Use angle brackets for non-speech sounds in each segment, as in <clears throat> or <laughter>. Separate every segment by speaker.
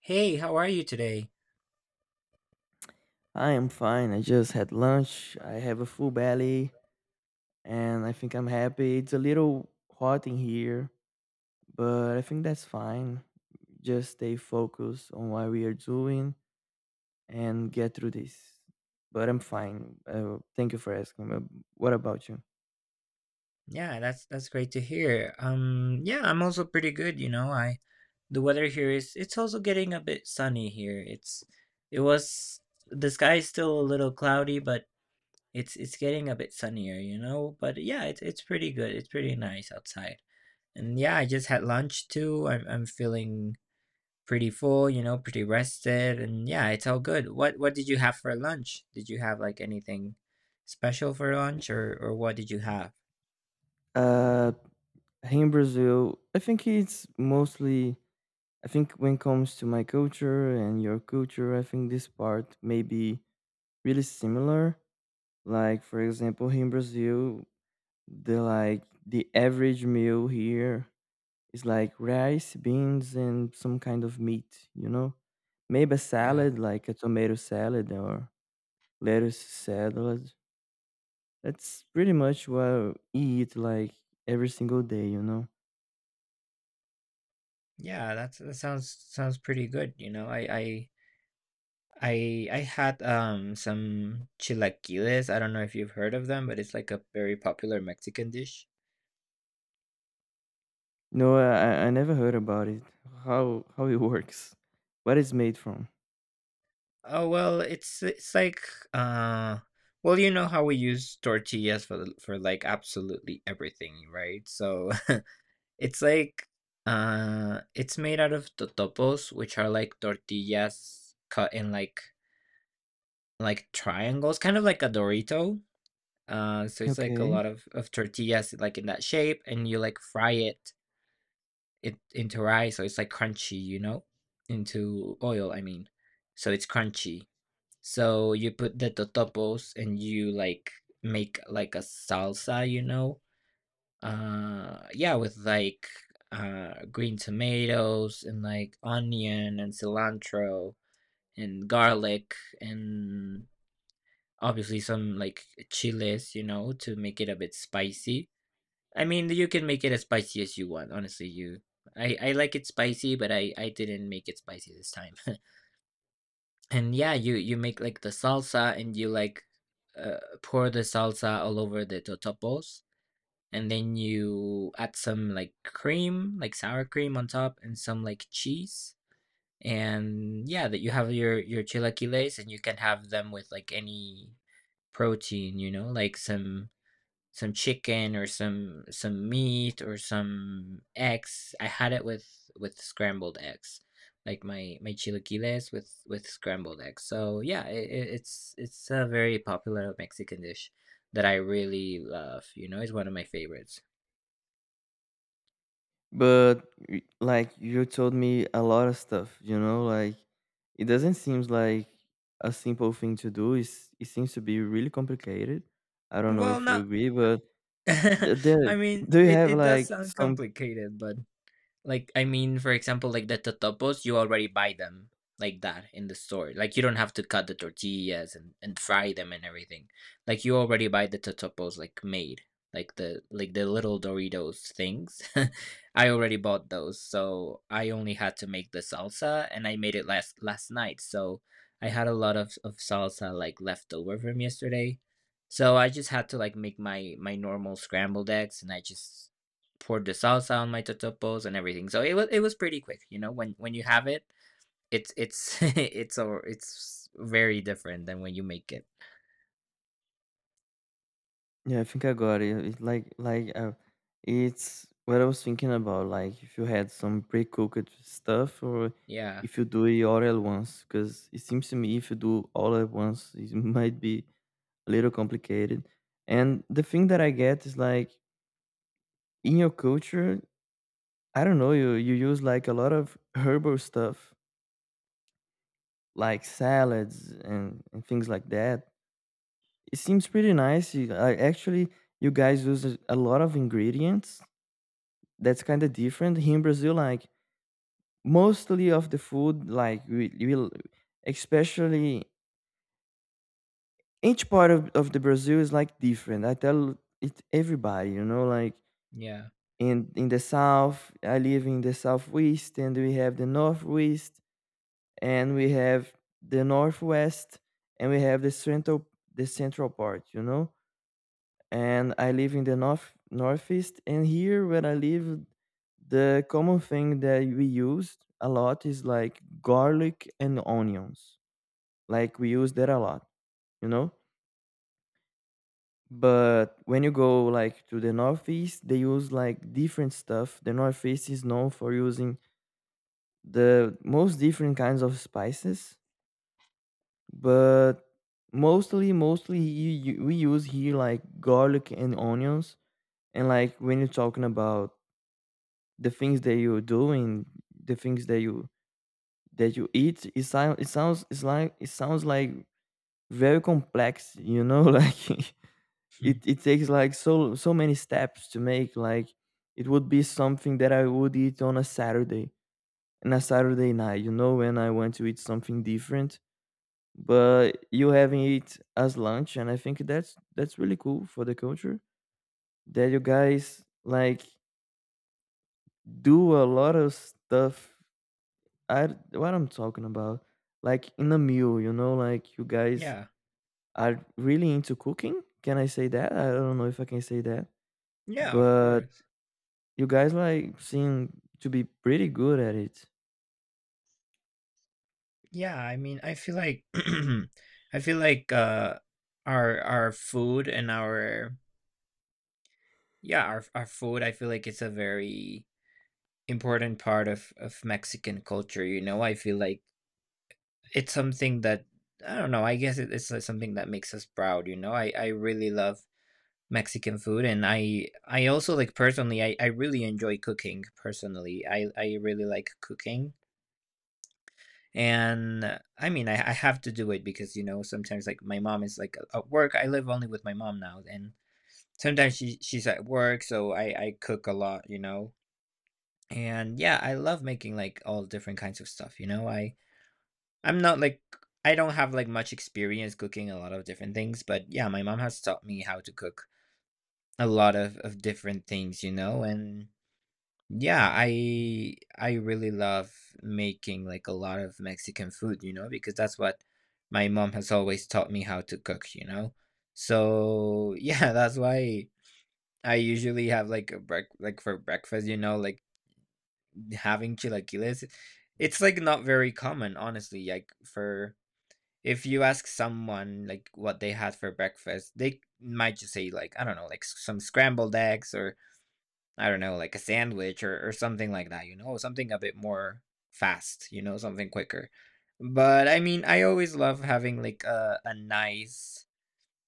Speaker 1: Hey, how are you today?
Speaker 2: I am fine. I just had lunch. I have a full belly and I think I'm happy. It's a little hot in here, but I think that's fine. Just stay focused on what we are doing and get through this. But I'm fine. Thank you for asking. But what about you?
Speaker 1: Yeah, that's great to hear. Yeah, I'm also pretty good, you know. I The weather here is it's also getting a bit sunny here. It's it was the sky is still a little cloudy, but it's getting a bit sunnier, you know. But yeah, it's pretty good. It's pretty nice outside. And yeah, I just had lunch too. I'm feeling pretty full, you know, pretty rested, and yeah, it's all good. What did you have for lunch? Did you have like anything special for lunch, or what did you have?
Speaker 2: Uh, Here in Brazil, I think it's mostly. I think when it comes to my culture and your culture, I think this part may be really similar. Like for example, here in Brazil, the average meal here is like rice, beans, and some kind of meat. You know, maybe a
Speaker 1: Yeah,
Speaker 2: salad like a tomato salad or lettuce salad. That's pretty much what I eat like every single day. You know.
Speaker 1: yeah, that sounds pretty good. I had some chilaquiles. I don't know if you've heard of them, but it's like a very popular Mexican dish.
Speaker 2: No, I never heard about it. How it works? What it's made from?
Speaker 1: Oh well, it's like uh. Well, you know how we use tortillas for like absolutely everything, right? So It's like it's made out of totopos, which are like tortillas cut in like triangles, kind of like a Dorito. So it's like a
Speaker 2: Okay.
Speaker 1: lot of tortillas like in that shape and you like fry it into rice so it's like crunchy, you know? Into oil, I mean. So it's crunchy. So you put the totopos and you like make like a salsa, you know? Yeah, with like green tomatoes and like onion and cilantro and garlic and obviously some like chiles, you know, to make it a bit spicy. I mean, you can make it as spicy as you want. Honestly, you I like it spicy, but I didn't make it spicy this time. <laughs> And yeah, you make like the salsa and you like pour the salsa all over the totopos and then you add some like cream, like sour cream on top, and some like cheese. And yeah, that you have your chilaquiles, and you can have them with like any protein, you know, like some chicken or some meat or some eggs. I had it with scrambled eggs, like my chilaquiles with scrambled eggs. So yeah, it's a very popular Mexican dish that I really love. You know, it's one of my favorites.
Speaker 2: But like you told me a lot of stuff, you know, like it doesn't seem like a simple thing to do. It's, it seems to be really complicated. I don't know
Speaker 1: Well,
Speaker 2: if you
Speaker 1: not.
Speaker 2: agree, but
Speaker 1: <laughs>
Speaker 2: there,
Speaker 1: I mean,
Speaker 2: do you
Speaker 1: it,
Speaker 2: have
Speaker 1: it does
Speaker 2: like
Speaker 1: sound
Speaker 2: some?
Speaker 1: complicated, but like, I mean, for example, like the totopos, you already buy them like that in the store. Like, you don't have to cut the tortillas and fry them and everything. Like, you already buy the totopos like made, like the little Doritos things. <laughs> I already bought those, so I only had to make the salsa, and I made it last night. So I had a lot of salsa like left over from yesterday. So I just had to like make my normal scrambled eggs, and I just poured the salsa on my totopos and everything. So it was pretty quick. You know, when you have it, it's <laughs> it's very different than when you make it.
Speaker 2: Yeah, I think I got it. It's like it's what I was thinking about. Like if you had some pre-cooked stuff, or
Speaker 1: Yeah,
Speaker 2: if you do it all at once, because it seems to me if you do all at once, it <laughs> might be a little complicated. And the thing that I get is like in your culture, I don't know, you use like a lot of herbal stuff, like salads and things like that. It seems pretty nice. You, I actually, you guys use a lot of ingredients. That's kind of different here in Brazil. Like mostly of the food, like we will, especially each part of the Brazil is like different. I tell it everybody, you know, like
Speaker 1: yeah.
Speaker 2: in the south, I live in the southwest, and we have the northwest, and we have the northwest, and we have the central, the central part, you know. And I live in the north northeast, and here where I live, the common thing that we used a lot is like garlic and onions. Like we use that a lot, you know. But when you go like to the northeast, they use like different stuff. The northeast is known for using the most different kinds of spices, but mostly we use here like garlic and onions. And like when you're talking about the things that you do and the things that you eat, it sounds like very complex, you know, <laughs> like
Speaker 1: Hmm.
Speaker 2: it takes like so many steps to make like it would be something that I would eat on a Saturday night, you know, when I want to eat something different. But you having it as lunch, and I think that's really cool for the culture, that you guys like do a lot of stuff. I what i'm talking about, like in a meal, you know, like you guys
Speaker 1: Yeah,
Speaker 2: are really into cooking. Can I say that? I don't know if I can say that,
Speaker 1: yeah. Of
Speaker 2: but
Speaker 1: course.
Speaker 2: you guys like seem to be pretty good at it.
Speaker 1: Yeah, I mean, I feel like <clears throat> I feel like our food and our yeah our food. I feel like it's a very important part of Mexican culture. You know, I feel like it's something that I don't know, I guess it it's, like, something that makes us proud, you know? I really love Mexican food, and I also, like, personally, I really enjoy cooking, personally. I really like cooking, and, I mean, I have to do it because, you know, sometimes, like, my mom is, like, at work. I live only with my mom now, and sometimes she's at work, so I cook a lot, you know? And, yeah, I love making, like, all different kinds of stuff, you know? I I'm not like I don't have like much experience cooking a lot of different things, but yeah, my mom has taught me how to cook a lot of different things, you know, and yeah, I really love making like a lot of Mexican food, you know, because that's what my mom has always taught me how to cook, you know. So yeah, <laughs> that's why I usually have like a break like for breakfast, you know, like having chilaquiles. It's like not very common, honestly, like for if you ask someone like what they had for breakfast, they might just say like I don't know, like some scrambled eggs or I don't know, like a sandwich or something like that, you know, something a bit more fast, you know, something quicker. But I mean, I always love having like a nice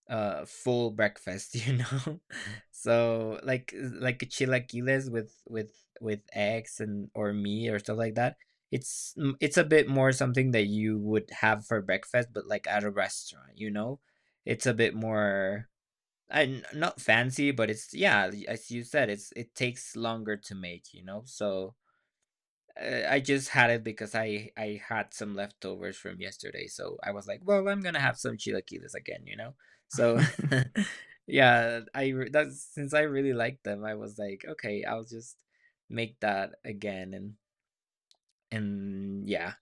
Speaker 1: full breakfast, you know. <laughs> So like chilaquiles with eggs and or meat or stuff like that, it's it's a bit more something that you would have for breakfast but like at a restaurant, you know. It's a bit more and not fancy, but it's yeah, as you said, it's it takes longer to make, you know. So I just had it because I had some leftovers from yesterday, so I was like, well, I'm gonna have some chilaquiles again, you know. So <laughs>
Speaker 2: <laughs>
Speaker 1: yeah, that's since I really liked them, I was like, okay, I'll just make that again, and yeah,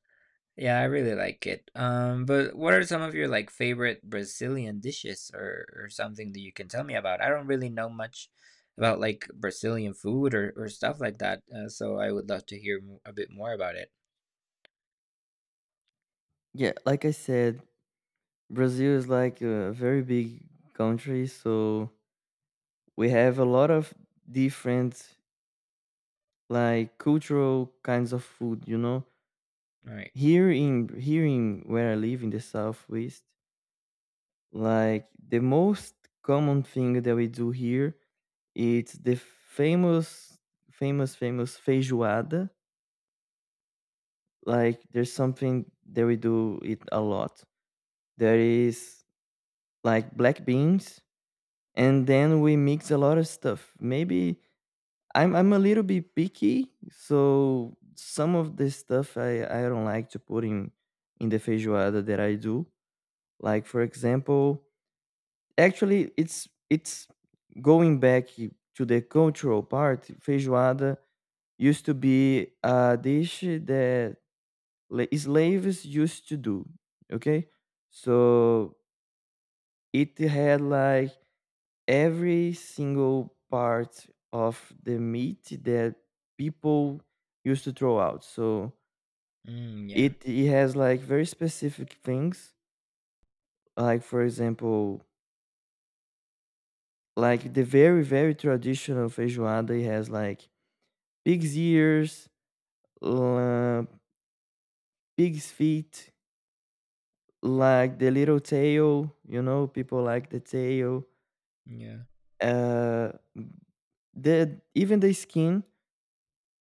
Speaker 1: yeah, I really like it. But what are some of your like favorite Brazilian dishes or something that you can tell me about? I don't really know much about like Brazilian food or stuff like that. So I would love to hear a bit more about it.
Speaker 2: Yeah, like I said, Brazil is like a very big country, so we have a lot of different like cultural kinds of food, you know.
Speaker 1: Right.
Speaker 2: Here in where I live in the southwest, like the most common thing that we do here, it's the famous famous feijoada. Like there's something that we do it a lot. There is like black beans, and then we mix a lot of stuff. Maybe I'm a little bit picky, so some of the stuff I don't like to put in the feijoada that I do. Like for example, actually it's going back to the cultural part. Feijoada used to be a dish that slaves used to do. Okay, so it had like every single part of the meat that people used to throw out. So
Speaker 1: Mm, yeah.
Speaker 2: it has like very specific things. Like for example, like the very traditional feijoada it has like pig's ears, uh, pig's feet, like the little tail. You know, people like the tail.
Speaker 1: Yeah.
Speaker 2: Uh, the even the skin.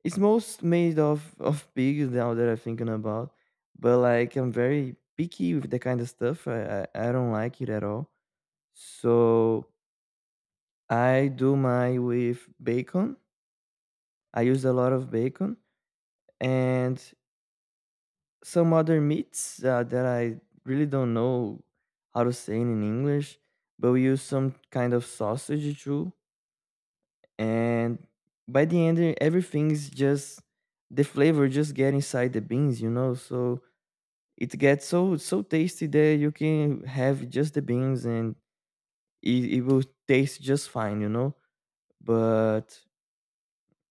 Speaker 2: It's most made of pigs now that I'm thinking about, but like I'm very picky with the kind of stuff. I, I don't like it at all. So I do mine with bacon. I use a lot of bacon and some other meats that I really don't know how to say it in English. But we use some kind of sausage too, and by the end, everything's just the flavor just get inside the beans, you know. So it gets so tasty that you can have just the beans and it will taste just fine, you know. But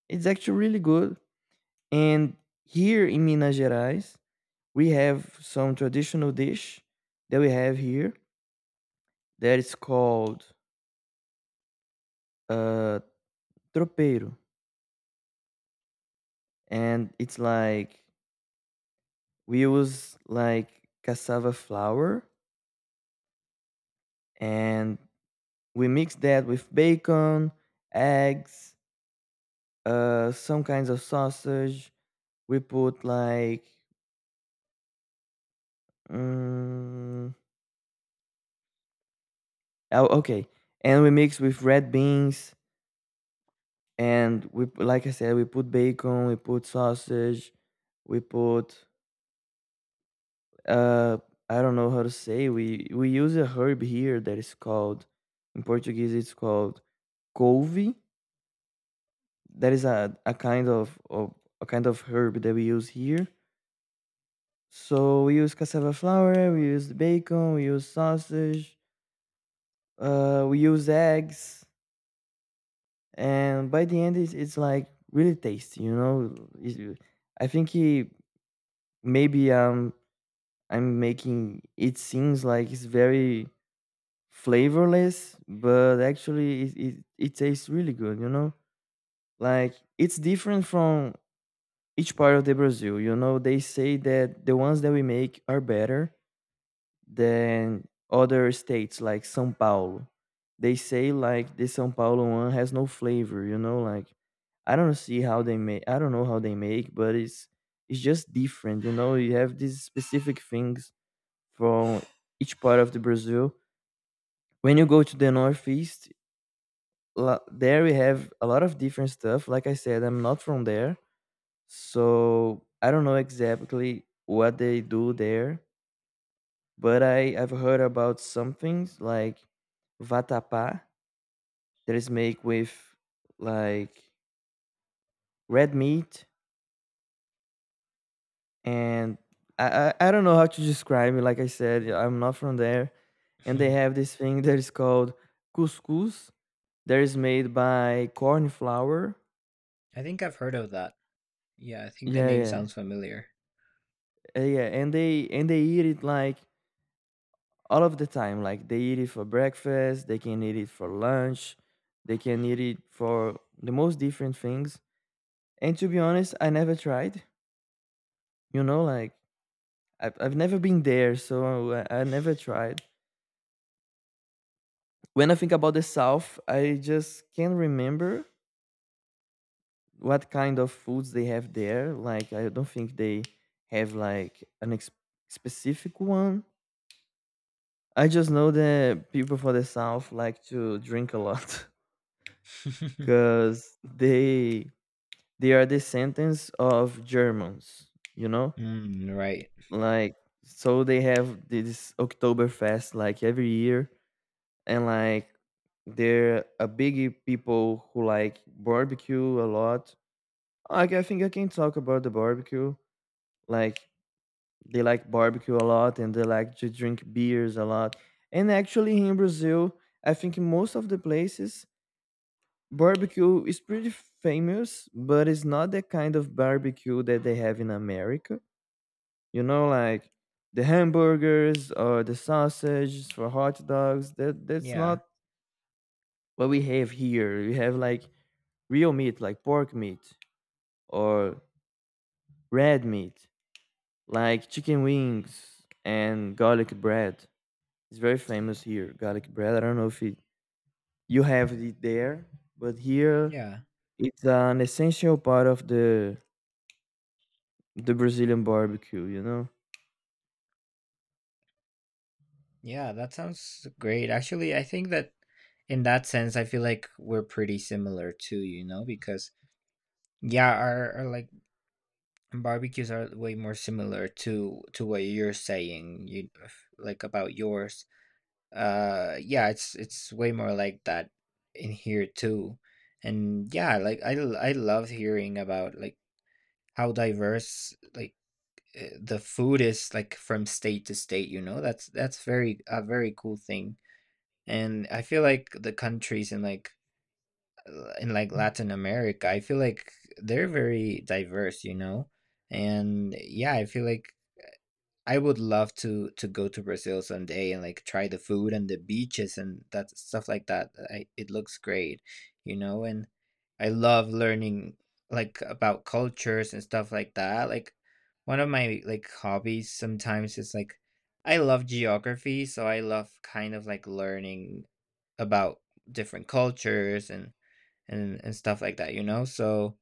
Speaker 2: it's actually really good. And here in Minas Gerais we have some traditional dish that we have here that is called uh tropeiro, and it's like we use like cassava flour, and we mix that with bacon, eggs, some kinds of sausage. We put like mm, oh, okay, and we mix with red beans, and we like I said, we put bacon, we put sausage, we put uh I don't know how to say, we use a herb here that is called in Portuguese, it's called couve. That is a kind of a kind of herb that we use here. So we use cassava flour, we use bacon, we use sausage, we use eggs, and by the end it's like really tasty, you know. It's- I think he, maybe I'm making it seems like it's very flavorless, but actually it, it tastes really good, you know. Like it's different from each part of the Brazil, you know. They say that the ones that we make are better than other states like São Paulo. They say like the São Paulo one has no flavor, you know, like I don't see how they make, I don't know how they make, but it's just different, you know. You have these specific things from each part of the Brazil. When you go to the northeast, there we have a lot of different stuff. Like I said, I'm not from there, so I don't know exactly what they do there. But I I've heard about some things like vatapá, that is made with like red meat, and I, I don't know how to describe it. Like I said, I'm not from there, and they have
Speaker 1: <laughs>
Speaker 2: this thing that is called couscous, that is made by corn flour.
Speaker 1: I think I've heard of that. Yeah, I think the
Speaker 2: Yeah,
Speaker 1: name
Speaker 2: yeah.
Speaker 1: sounds familiar.
Speaker 2: Yeah. And they eat it like all of the time. Like they eat it for breakfast, they can eat it for lunch, they can eat it for the most different things. And to be honest, I never tried. You know, like I've never been there, so I never tried. When I think about the South, I just can't remember what kind of foods they have there. Like I don't think they have like specific one. I just know that people from the South like to drink a lot <laughs>
Speaker 1: <laughs>
Speaker 2: because they are descendants of Germans. You know,
Speaker 1: Mm, right.
Speaker 2: like so they have this Oktoberfest like every year, and like they are a big people who like barbecue a lot. I think I can talk about the barbecue. Like they like barbecue a lot, and they like to drink beers a lot. And actually here in Brazil, I think in most of the places barbecue is pretty famous, but it's not the kind of barbecue that they have in America. You know, like the hamburgers or the sausages for hot dogs. That that's
Speaker 1: Yeah.
Speaker 2: not what we have here. We have like real meat like pork meat or red meat, like chicken wings, and garlic bread. It's very famous here, garlic bread. I don't know if it, you have it there, but here
Speaker 1: Yeah.
Speaker 2: it's an essential part of the Brazilian barbecue, you know?
Speaker 1: Yeah, that sounds great. Actually, I think that in that sense, I feel like we're pretty similar too, you know, because yeah, our like barbecues are way more similar to what you're saying, you like about yours. Yeah, it's way more like that in here too. And yeah, like I love hearing about like how diverse like the food is like from state to state, you know. That's very a very cool thing. And I feel like the countries in like Latin America, I feel like they're very diverse, you know. And yeah, I feel like I would love to go to Brazil someday and like try the food and the beaches and that stuff like that. I, it looks great, you know, and I love learning like about cultures and stuff like that. Like one of my like hobbies sometimes is like I love geography, so I love kind of like learning about different cultures and and stuff like that, you know? So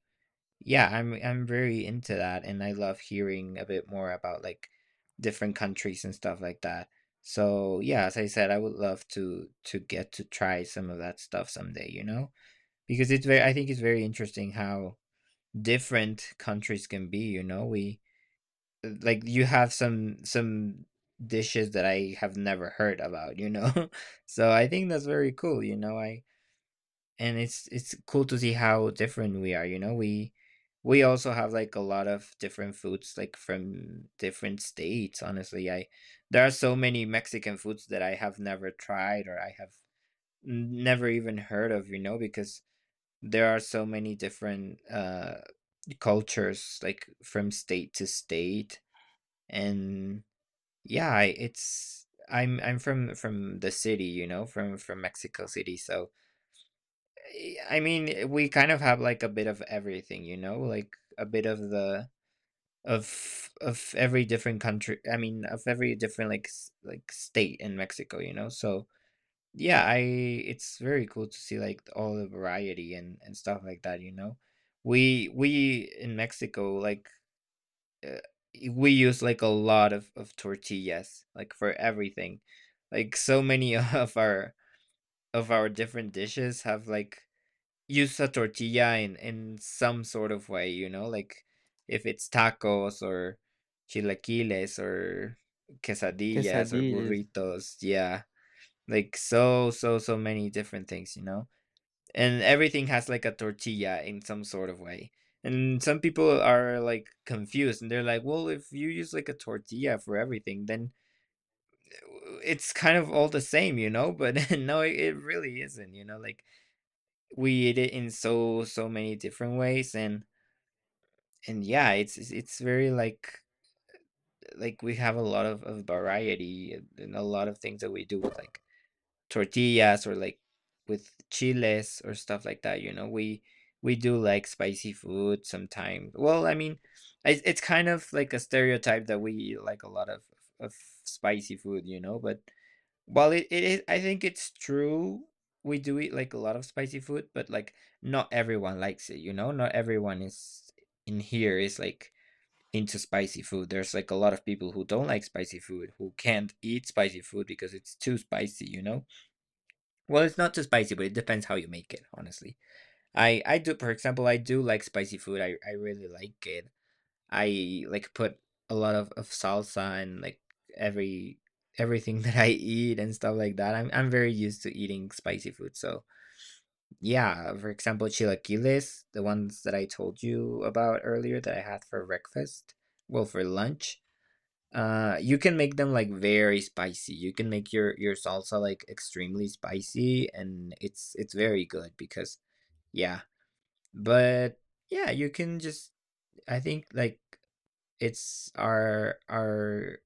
Speaker 1: yeah, I'm very into that and I love hearing a bit more about like different countries and stuff like that. So, yeah, as I said, I would love to get to try some of that stuff someday, you know? Because it's very I think it's very interesting how different countries can be, you know? We like you have some dishes that I have never heard about, you know? <laughs> So, I think that's very cool, you know? I and it's cool to see how different we are, you know. We also have like a lot of different foods like from different states, honestly. I there are so many Mexican foods that I have never tried or I have never even heard of, you know, because there are so many different cultures like from state to state. And yeah, I it's I'm from the city, you know, from Mexico City. So I mean, we kind of have like a bit of everything, you know, like a bit of the of every different country. I mean, of every different like like state in Mexico, you know. So yeah, I it's very cool to see like all the variety and stuff like that, you know. We in Mexico like uh, we use like a lot of tortillas like for everything. Like so many <laughs> of our different dishes have like use a tortilla in some sort of way, you know, like if it's tacos or chilaquiles or quesadillas or
Speaker 2: Quesadillas.
Speaker 1: burritos, yeah. Like so many different things, you know. And everything has like a tortilla in some sort of way. And some people are like confused and they're like, "Well, if you use like a tortilla for everything, then it's kind of all the same, you know?" But <laughs> no, it really isn't, you know? Like we eat it in so many different ways. And And yeah, it's it's very like, we have a lot of variety, and a lot of things that we do with like tortillas, or like with chiles or stuff like that, you know. We We do like spicy food sometimes. Well, I mean, it's kind of like a stereotype that we eat like a lot of spicy food, you know? But well, it is. I think it's true. We do eat like a lot of spicy food, but like not everyone likes it, you know? Not everyone is in here is like into spicy food. There's like a lot of people who don't like spicy food, who can't eat spicy food because it's too spicy, you know? Well, it's not too spicy, but it depends how you make it, honestly. I do. For example, I do like spicy food. I really like it. I like put a lot of salsa and like every everything <laughs> that I eat and stuff like that. I'm very used to eating spicy food. So yeah, for example, chilaquiles, the ones that I told you about earlier that I had for breakfast, well for lunch. You can make them like very spicy. You can make your salsa like extremely spicy, and it's very good because yeah. But yeah, you can just I think like it's our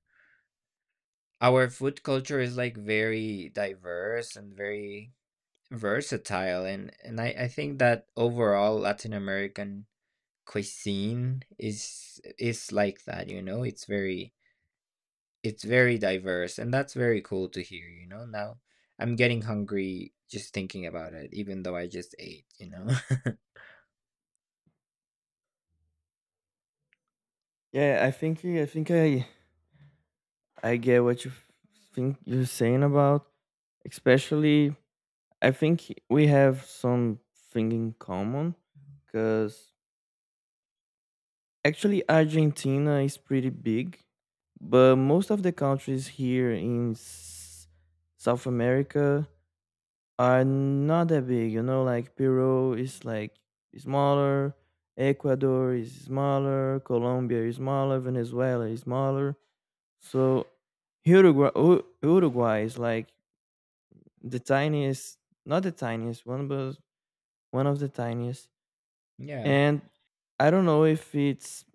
Speaker 1: food culture is like very diverse and very versatile, and I think that overall Latin American cuisine is like that, you know? It's very diverse, and that's very cool to hear, you know? Now I'm getting hungry just thinking about it, even though I just ate, you know?
Speaker 2: Yeah, I get what you think you're saying about, especially I think we have something in common because actually Argentina is pretty big, but most of the countries here in South America are not that big. You know, like Peru is like smaller, Ecuador is smaller, Colombia is smaller, Venezuela is smaller. So Uruguay, Uruguay is like the tiniest, not the tiniest one, but one of the tiniest.
Speaker 1: <laughs> Yeah.
Speaker 2: And I don't know if it's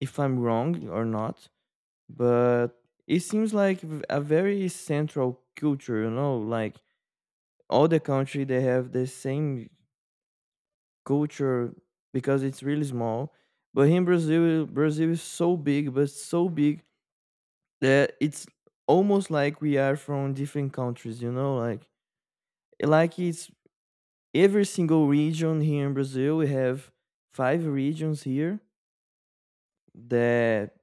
Speaker 2: if I'm wrong or not, but it seems like a very central culture, you know, like all the country they have the same culture because it's really small. But in Brazil, Brazil is so big, but so big that it's almost like we are from different countries, you know, like like it's every single region. Here in Brazil we have five regions here. That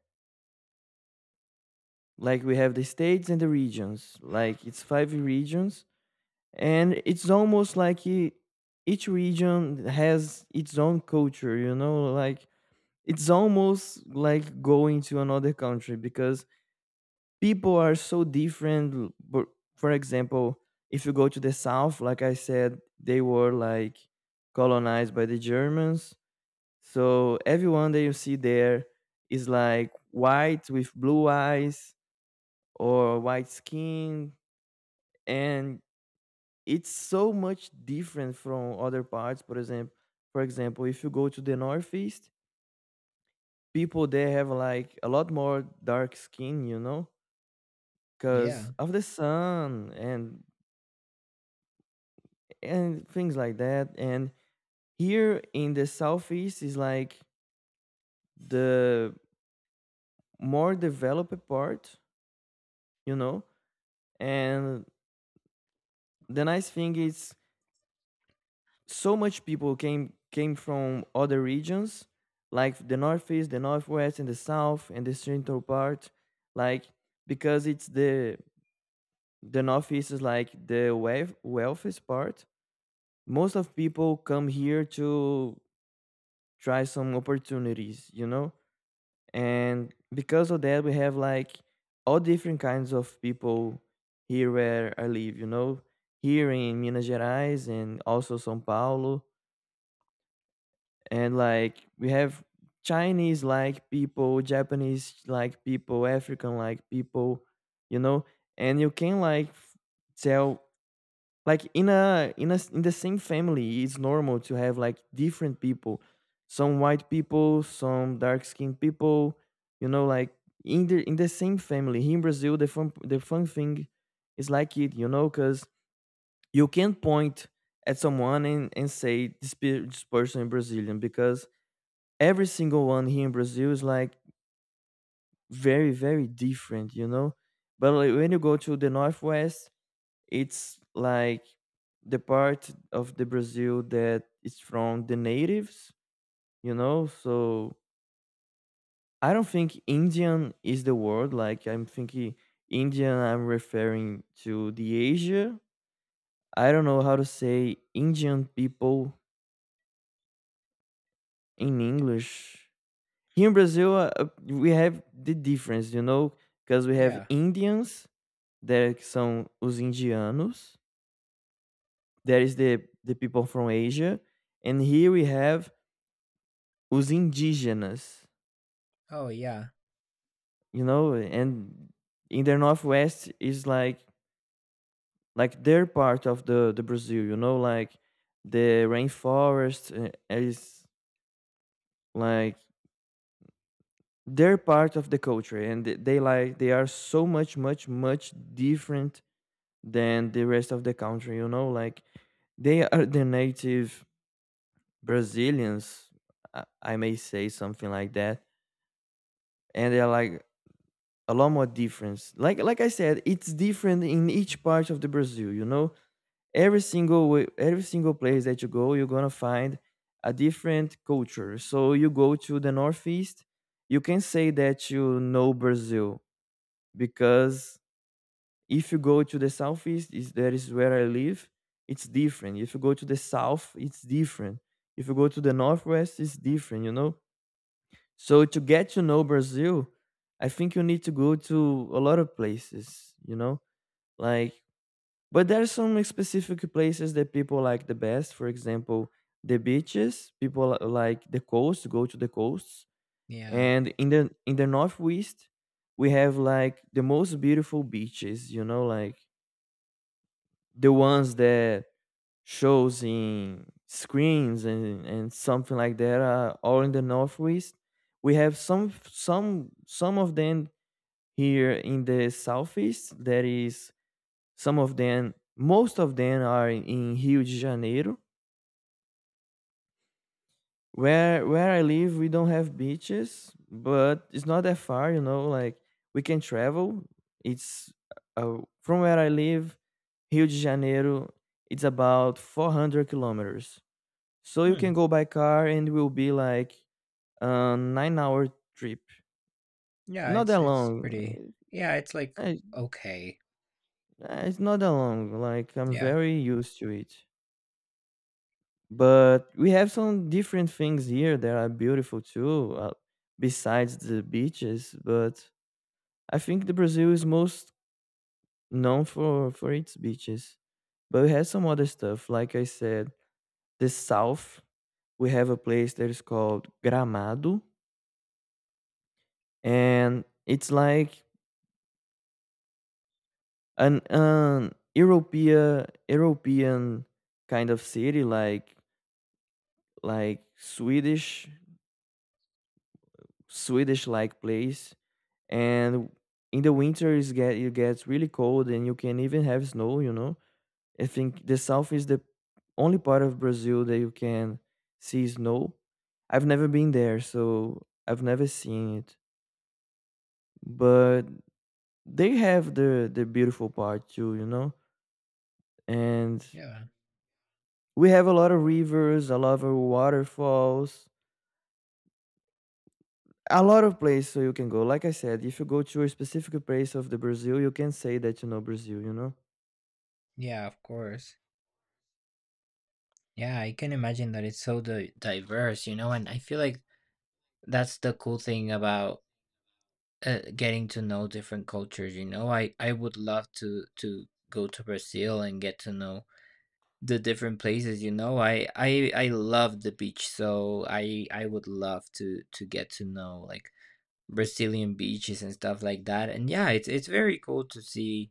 Speaker 2: like we have the states and the regions, like it's five regions, and it's almost like each region has its own culture, you know, like it's almost like going to another country because people are so different but for example, if you go to the south, like I said, they were like colonized by the Germans, so everyone that you see there is like white with blue eyes or white skin. And it's so much different from other parts. For example, if you go to the northeast, people there have like a lot more dark skin, you know, because
Speaker 1: Yeah.
Speaker 2: of the sun and things like that. And here in the southeast is like the more developed part, you know. And the nice thing is so much people came from other regions like the northeast, the northwest, and the south, and the central part, like because it's the northeast is like the wealthiest part. Most of people come here to try some opportunities, you know. And because of that we have like all different kinds of people here where I live, you know, here in Minas Gerais and also sao paulo. And like we have Chinese like people, Japanese like people, African like people, you know. And you can like tell like in a in a in the same family it's normal to have like different people, some white people, some dark skinned people, you know, like in the same family here in Brazil. The fun thing is like it, you know, because you can point at someone and, say this, this person is Brazilian because every single one here in Brazil is like very, very different, you know. But like when you go to the northwest, it's like the part of the Brazil that is from the natives, you know. So I don't think Indian is the word. Like I'm thinking Indian, I'm referring to the Asia. I don't know how to say Indian people in English. Here in Brazil, we have the difference, you know, because we have
Speaker 1: Yeah.
Speaker 2: Indians there que são os indianos. There is the people from Asia, and here we have os indígenas.
Speaker 1: Oh yeah.
Speaker 2: You know, and in the northwest is like their part of the Brazil. You know, like the rainforest is like their part of the culture, and they like they are so much different than the rest of the country. You know, like they are the native Brazilians, I may say something like that, and they're like a lot more difference. Like I said, it's different in each part of the Brazil. You know, every single way, every single place that you go, you're gonna find a different culture. So you go to the northeast, you can say that you know Brazil, because if you go to the southeast, is that is where I live. It's different. If you go to the south, it's different. If you go to the northwest, it's different. You know, so to get to know Brazil, I think you need to go to a lot of places, you know? Like but there are some specific places that people like the best. For example, the beaches, people like the coast, go to the coasts.
Speaker 1: Yeah.
Speaker 2: And in the northwest, we have like the most beautiful beaches, you know, like the ones that shows in screens and something like that, all in the northwest we have some some of them. Here in the southeast that is some of them, most of them are in Rio de Janeiro. Where I live we don't have beaches, but it's not that far, you know, like we can travel. It's from where I live, Rio de Janeiro, it's about 400 kilometers. So you can
Speaker 1: Hmm.
Speaker 2: go by car and will be like a 9-hour trip.
Speaker 1: Yeah,
Speaker 2: Not that
Speaker 1: it's
Speaker 2: long.
Speaker 1: pretty, yeah, it's like,
Speaker 2: Eh,
Speaker 1: okay.
Speaker 2: It's not that long. Like I'm
Speaker 1: Yeah.
Speaker 2: very used to it. But we have some different things here that are beautiful too, besides the beaches. But I think the Brazil is most known for its beaches. But we have some other stuff. Like I said, the south, we have a place that is called Gramado. And it's like an European kind of city, like Swedish like place. And in the winter is get it gets really cold, and you can even have snow, you know. I think the south is the only part of Brazil that you can see snow. I've never been there, so I've never seen it, but they have the beautiful part too, you know. And
Speaker 1: Yeah.
Speaker 2: we have a lot of rivers, a lot of waterfalls, a lot of places so you can go. Like I said, if you go to a specific place of the Brazil, you can say that you know Brazil, you know?
Speaker 1: Yeah, of course. Yeah, I can imagine that it's so di diverse, you know, and I feel like that's the cool thing about, getting to know different cultures, you know? I would love to go to Brazil and get to know the different places, you know? I love the beach, so I would love to get to know, like, Brazilian beaches and stuff like that. And yeah, it's very cool to see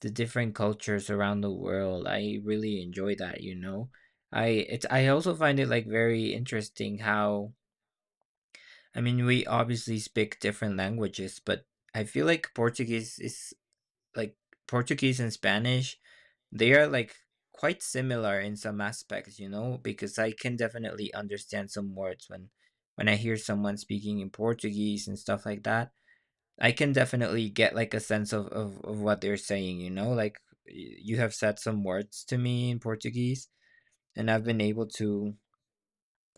Speaker 1: the different cultures around the world. I really enjoy that, you know. I also find it like very interesting how, I mean, we obviously speak different languages, but I feel like Portuguese is like, Portuguese and Spanish, they are like quite similar in some aspects, you know, because I can definitely understand some words when I hear someone speaking in Portuguese and stuff like that. I can definitely get like a sense of what they're saying, you know, like y- you have said some words to me in Portuguese, and I've been able to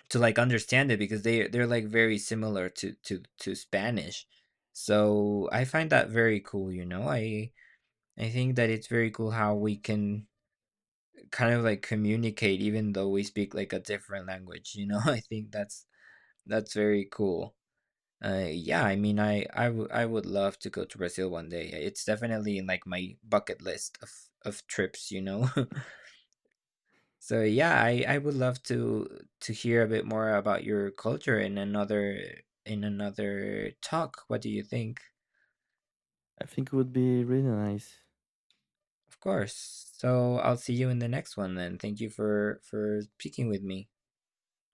Speaker 1: like understand it because they're like very similar to Spanish. So I find that very cool, you know. I think that it's very cool how we can kind of like communicate even though we speak like a different language, you know. <laughs> I think that's very cool. Yeah, I mean, I would love to go to Brazil one day. Yeah, it's definitely in like my bucket list of trips, you know. <laughs> So yeah, I would love to hear a bit more about your culture in another talk. What do you think?
Speaker 2: I think it would be really nice.
Speaker 1: Of course. So I'll see you in the next one then. Thank you for speaking with me.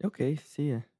Speaker 2: Okay, see ya.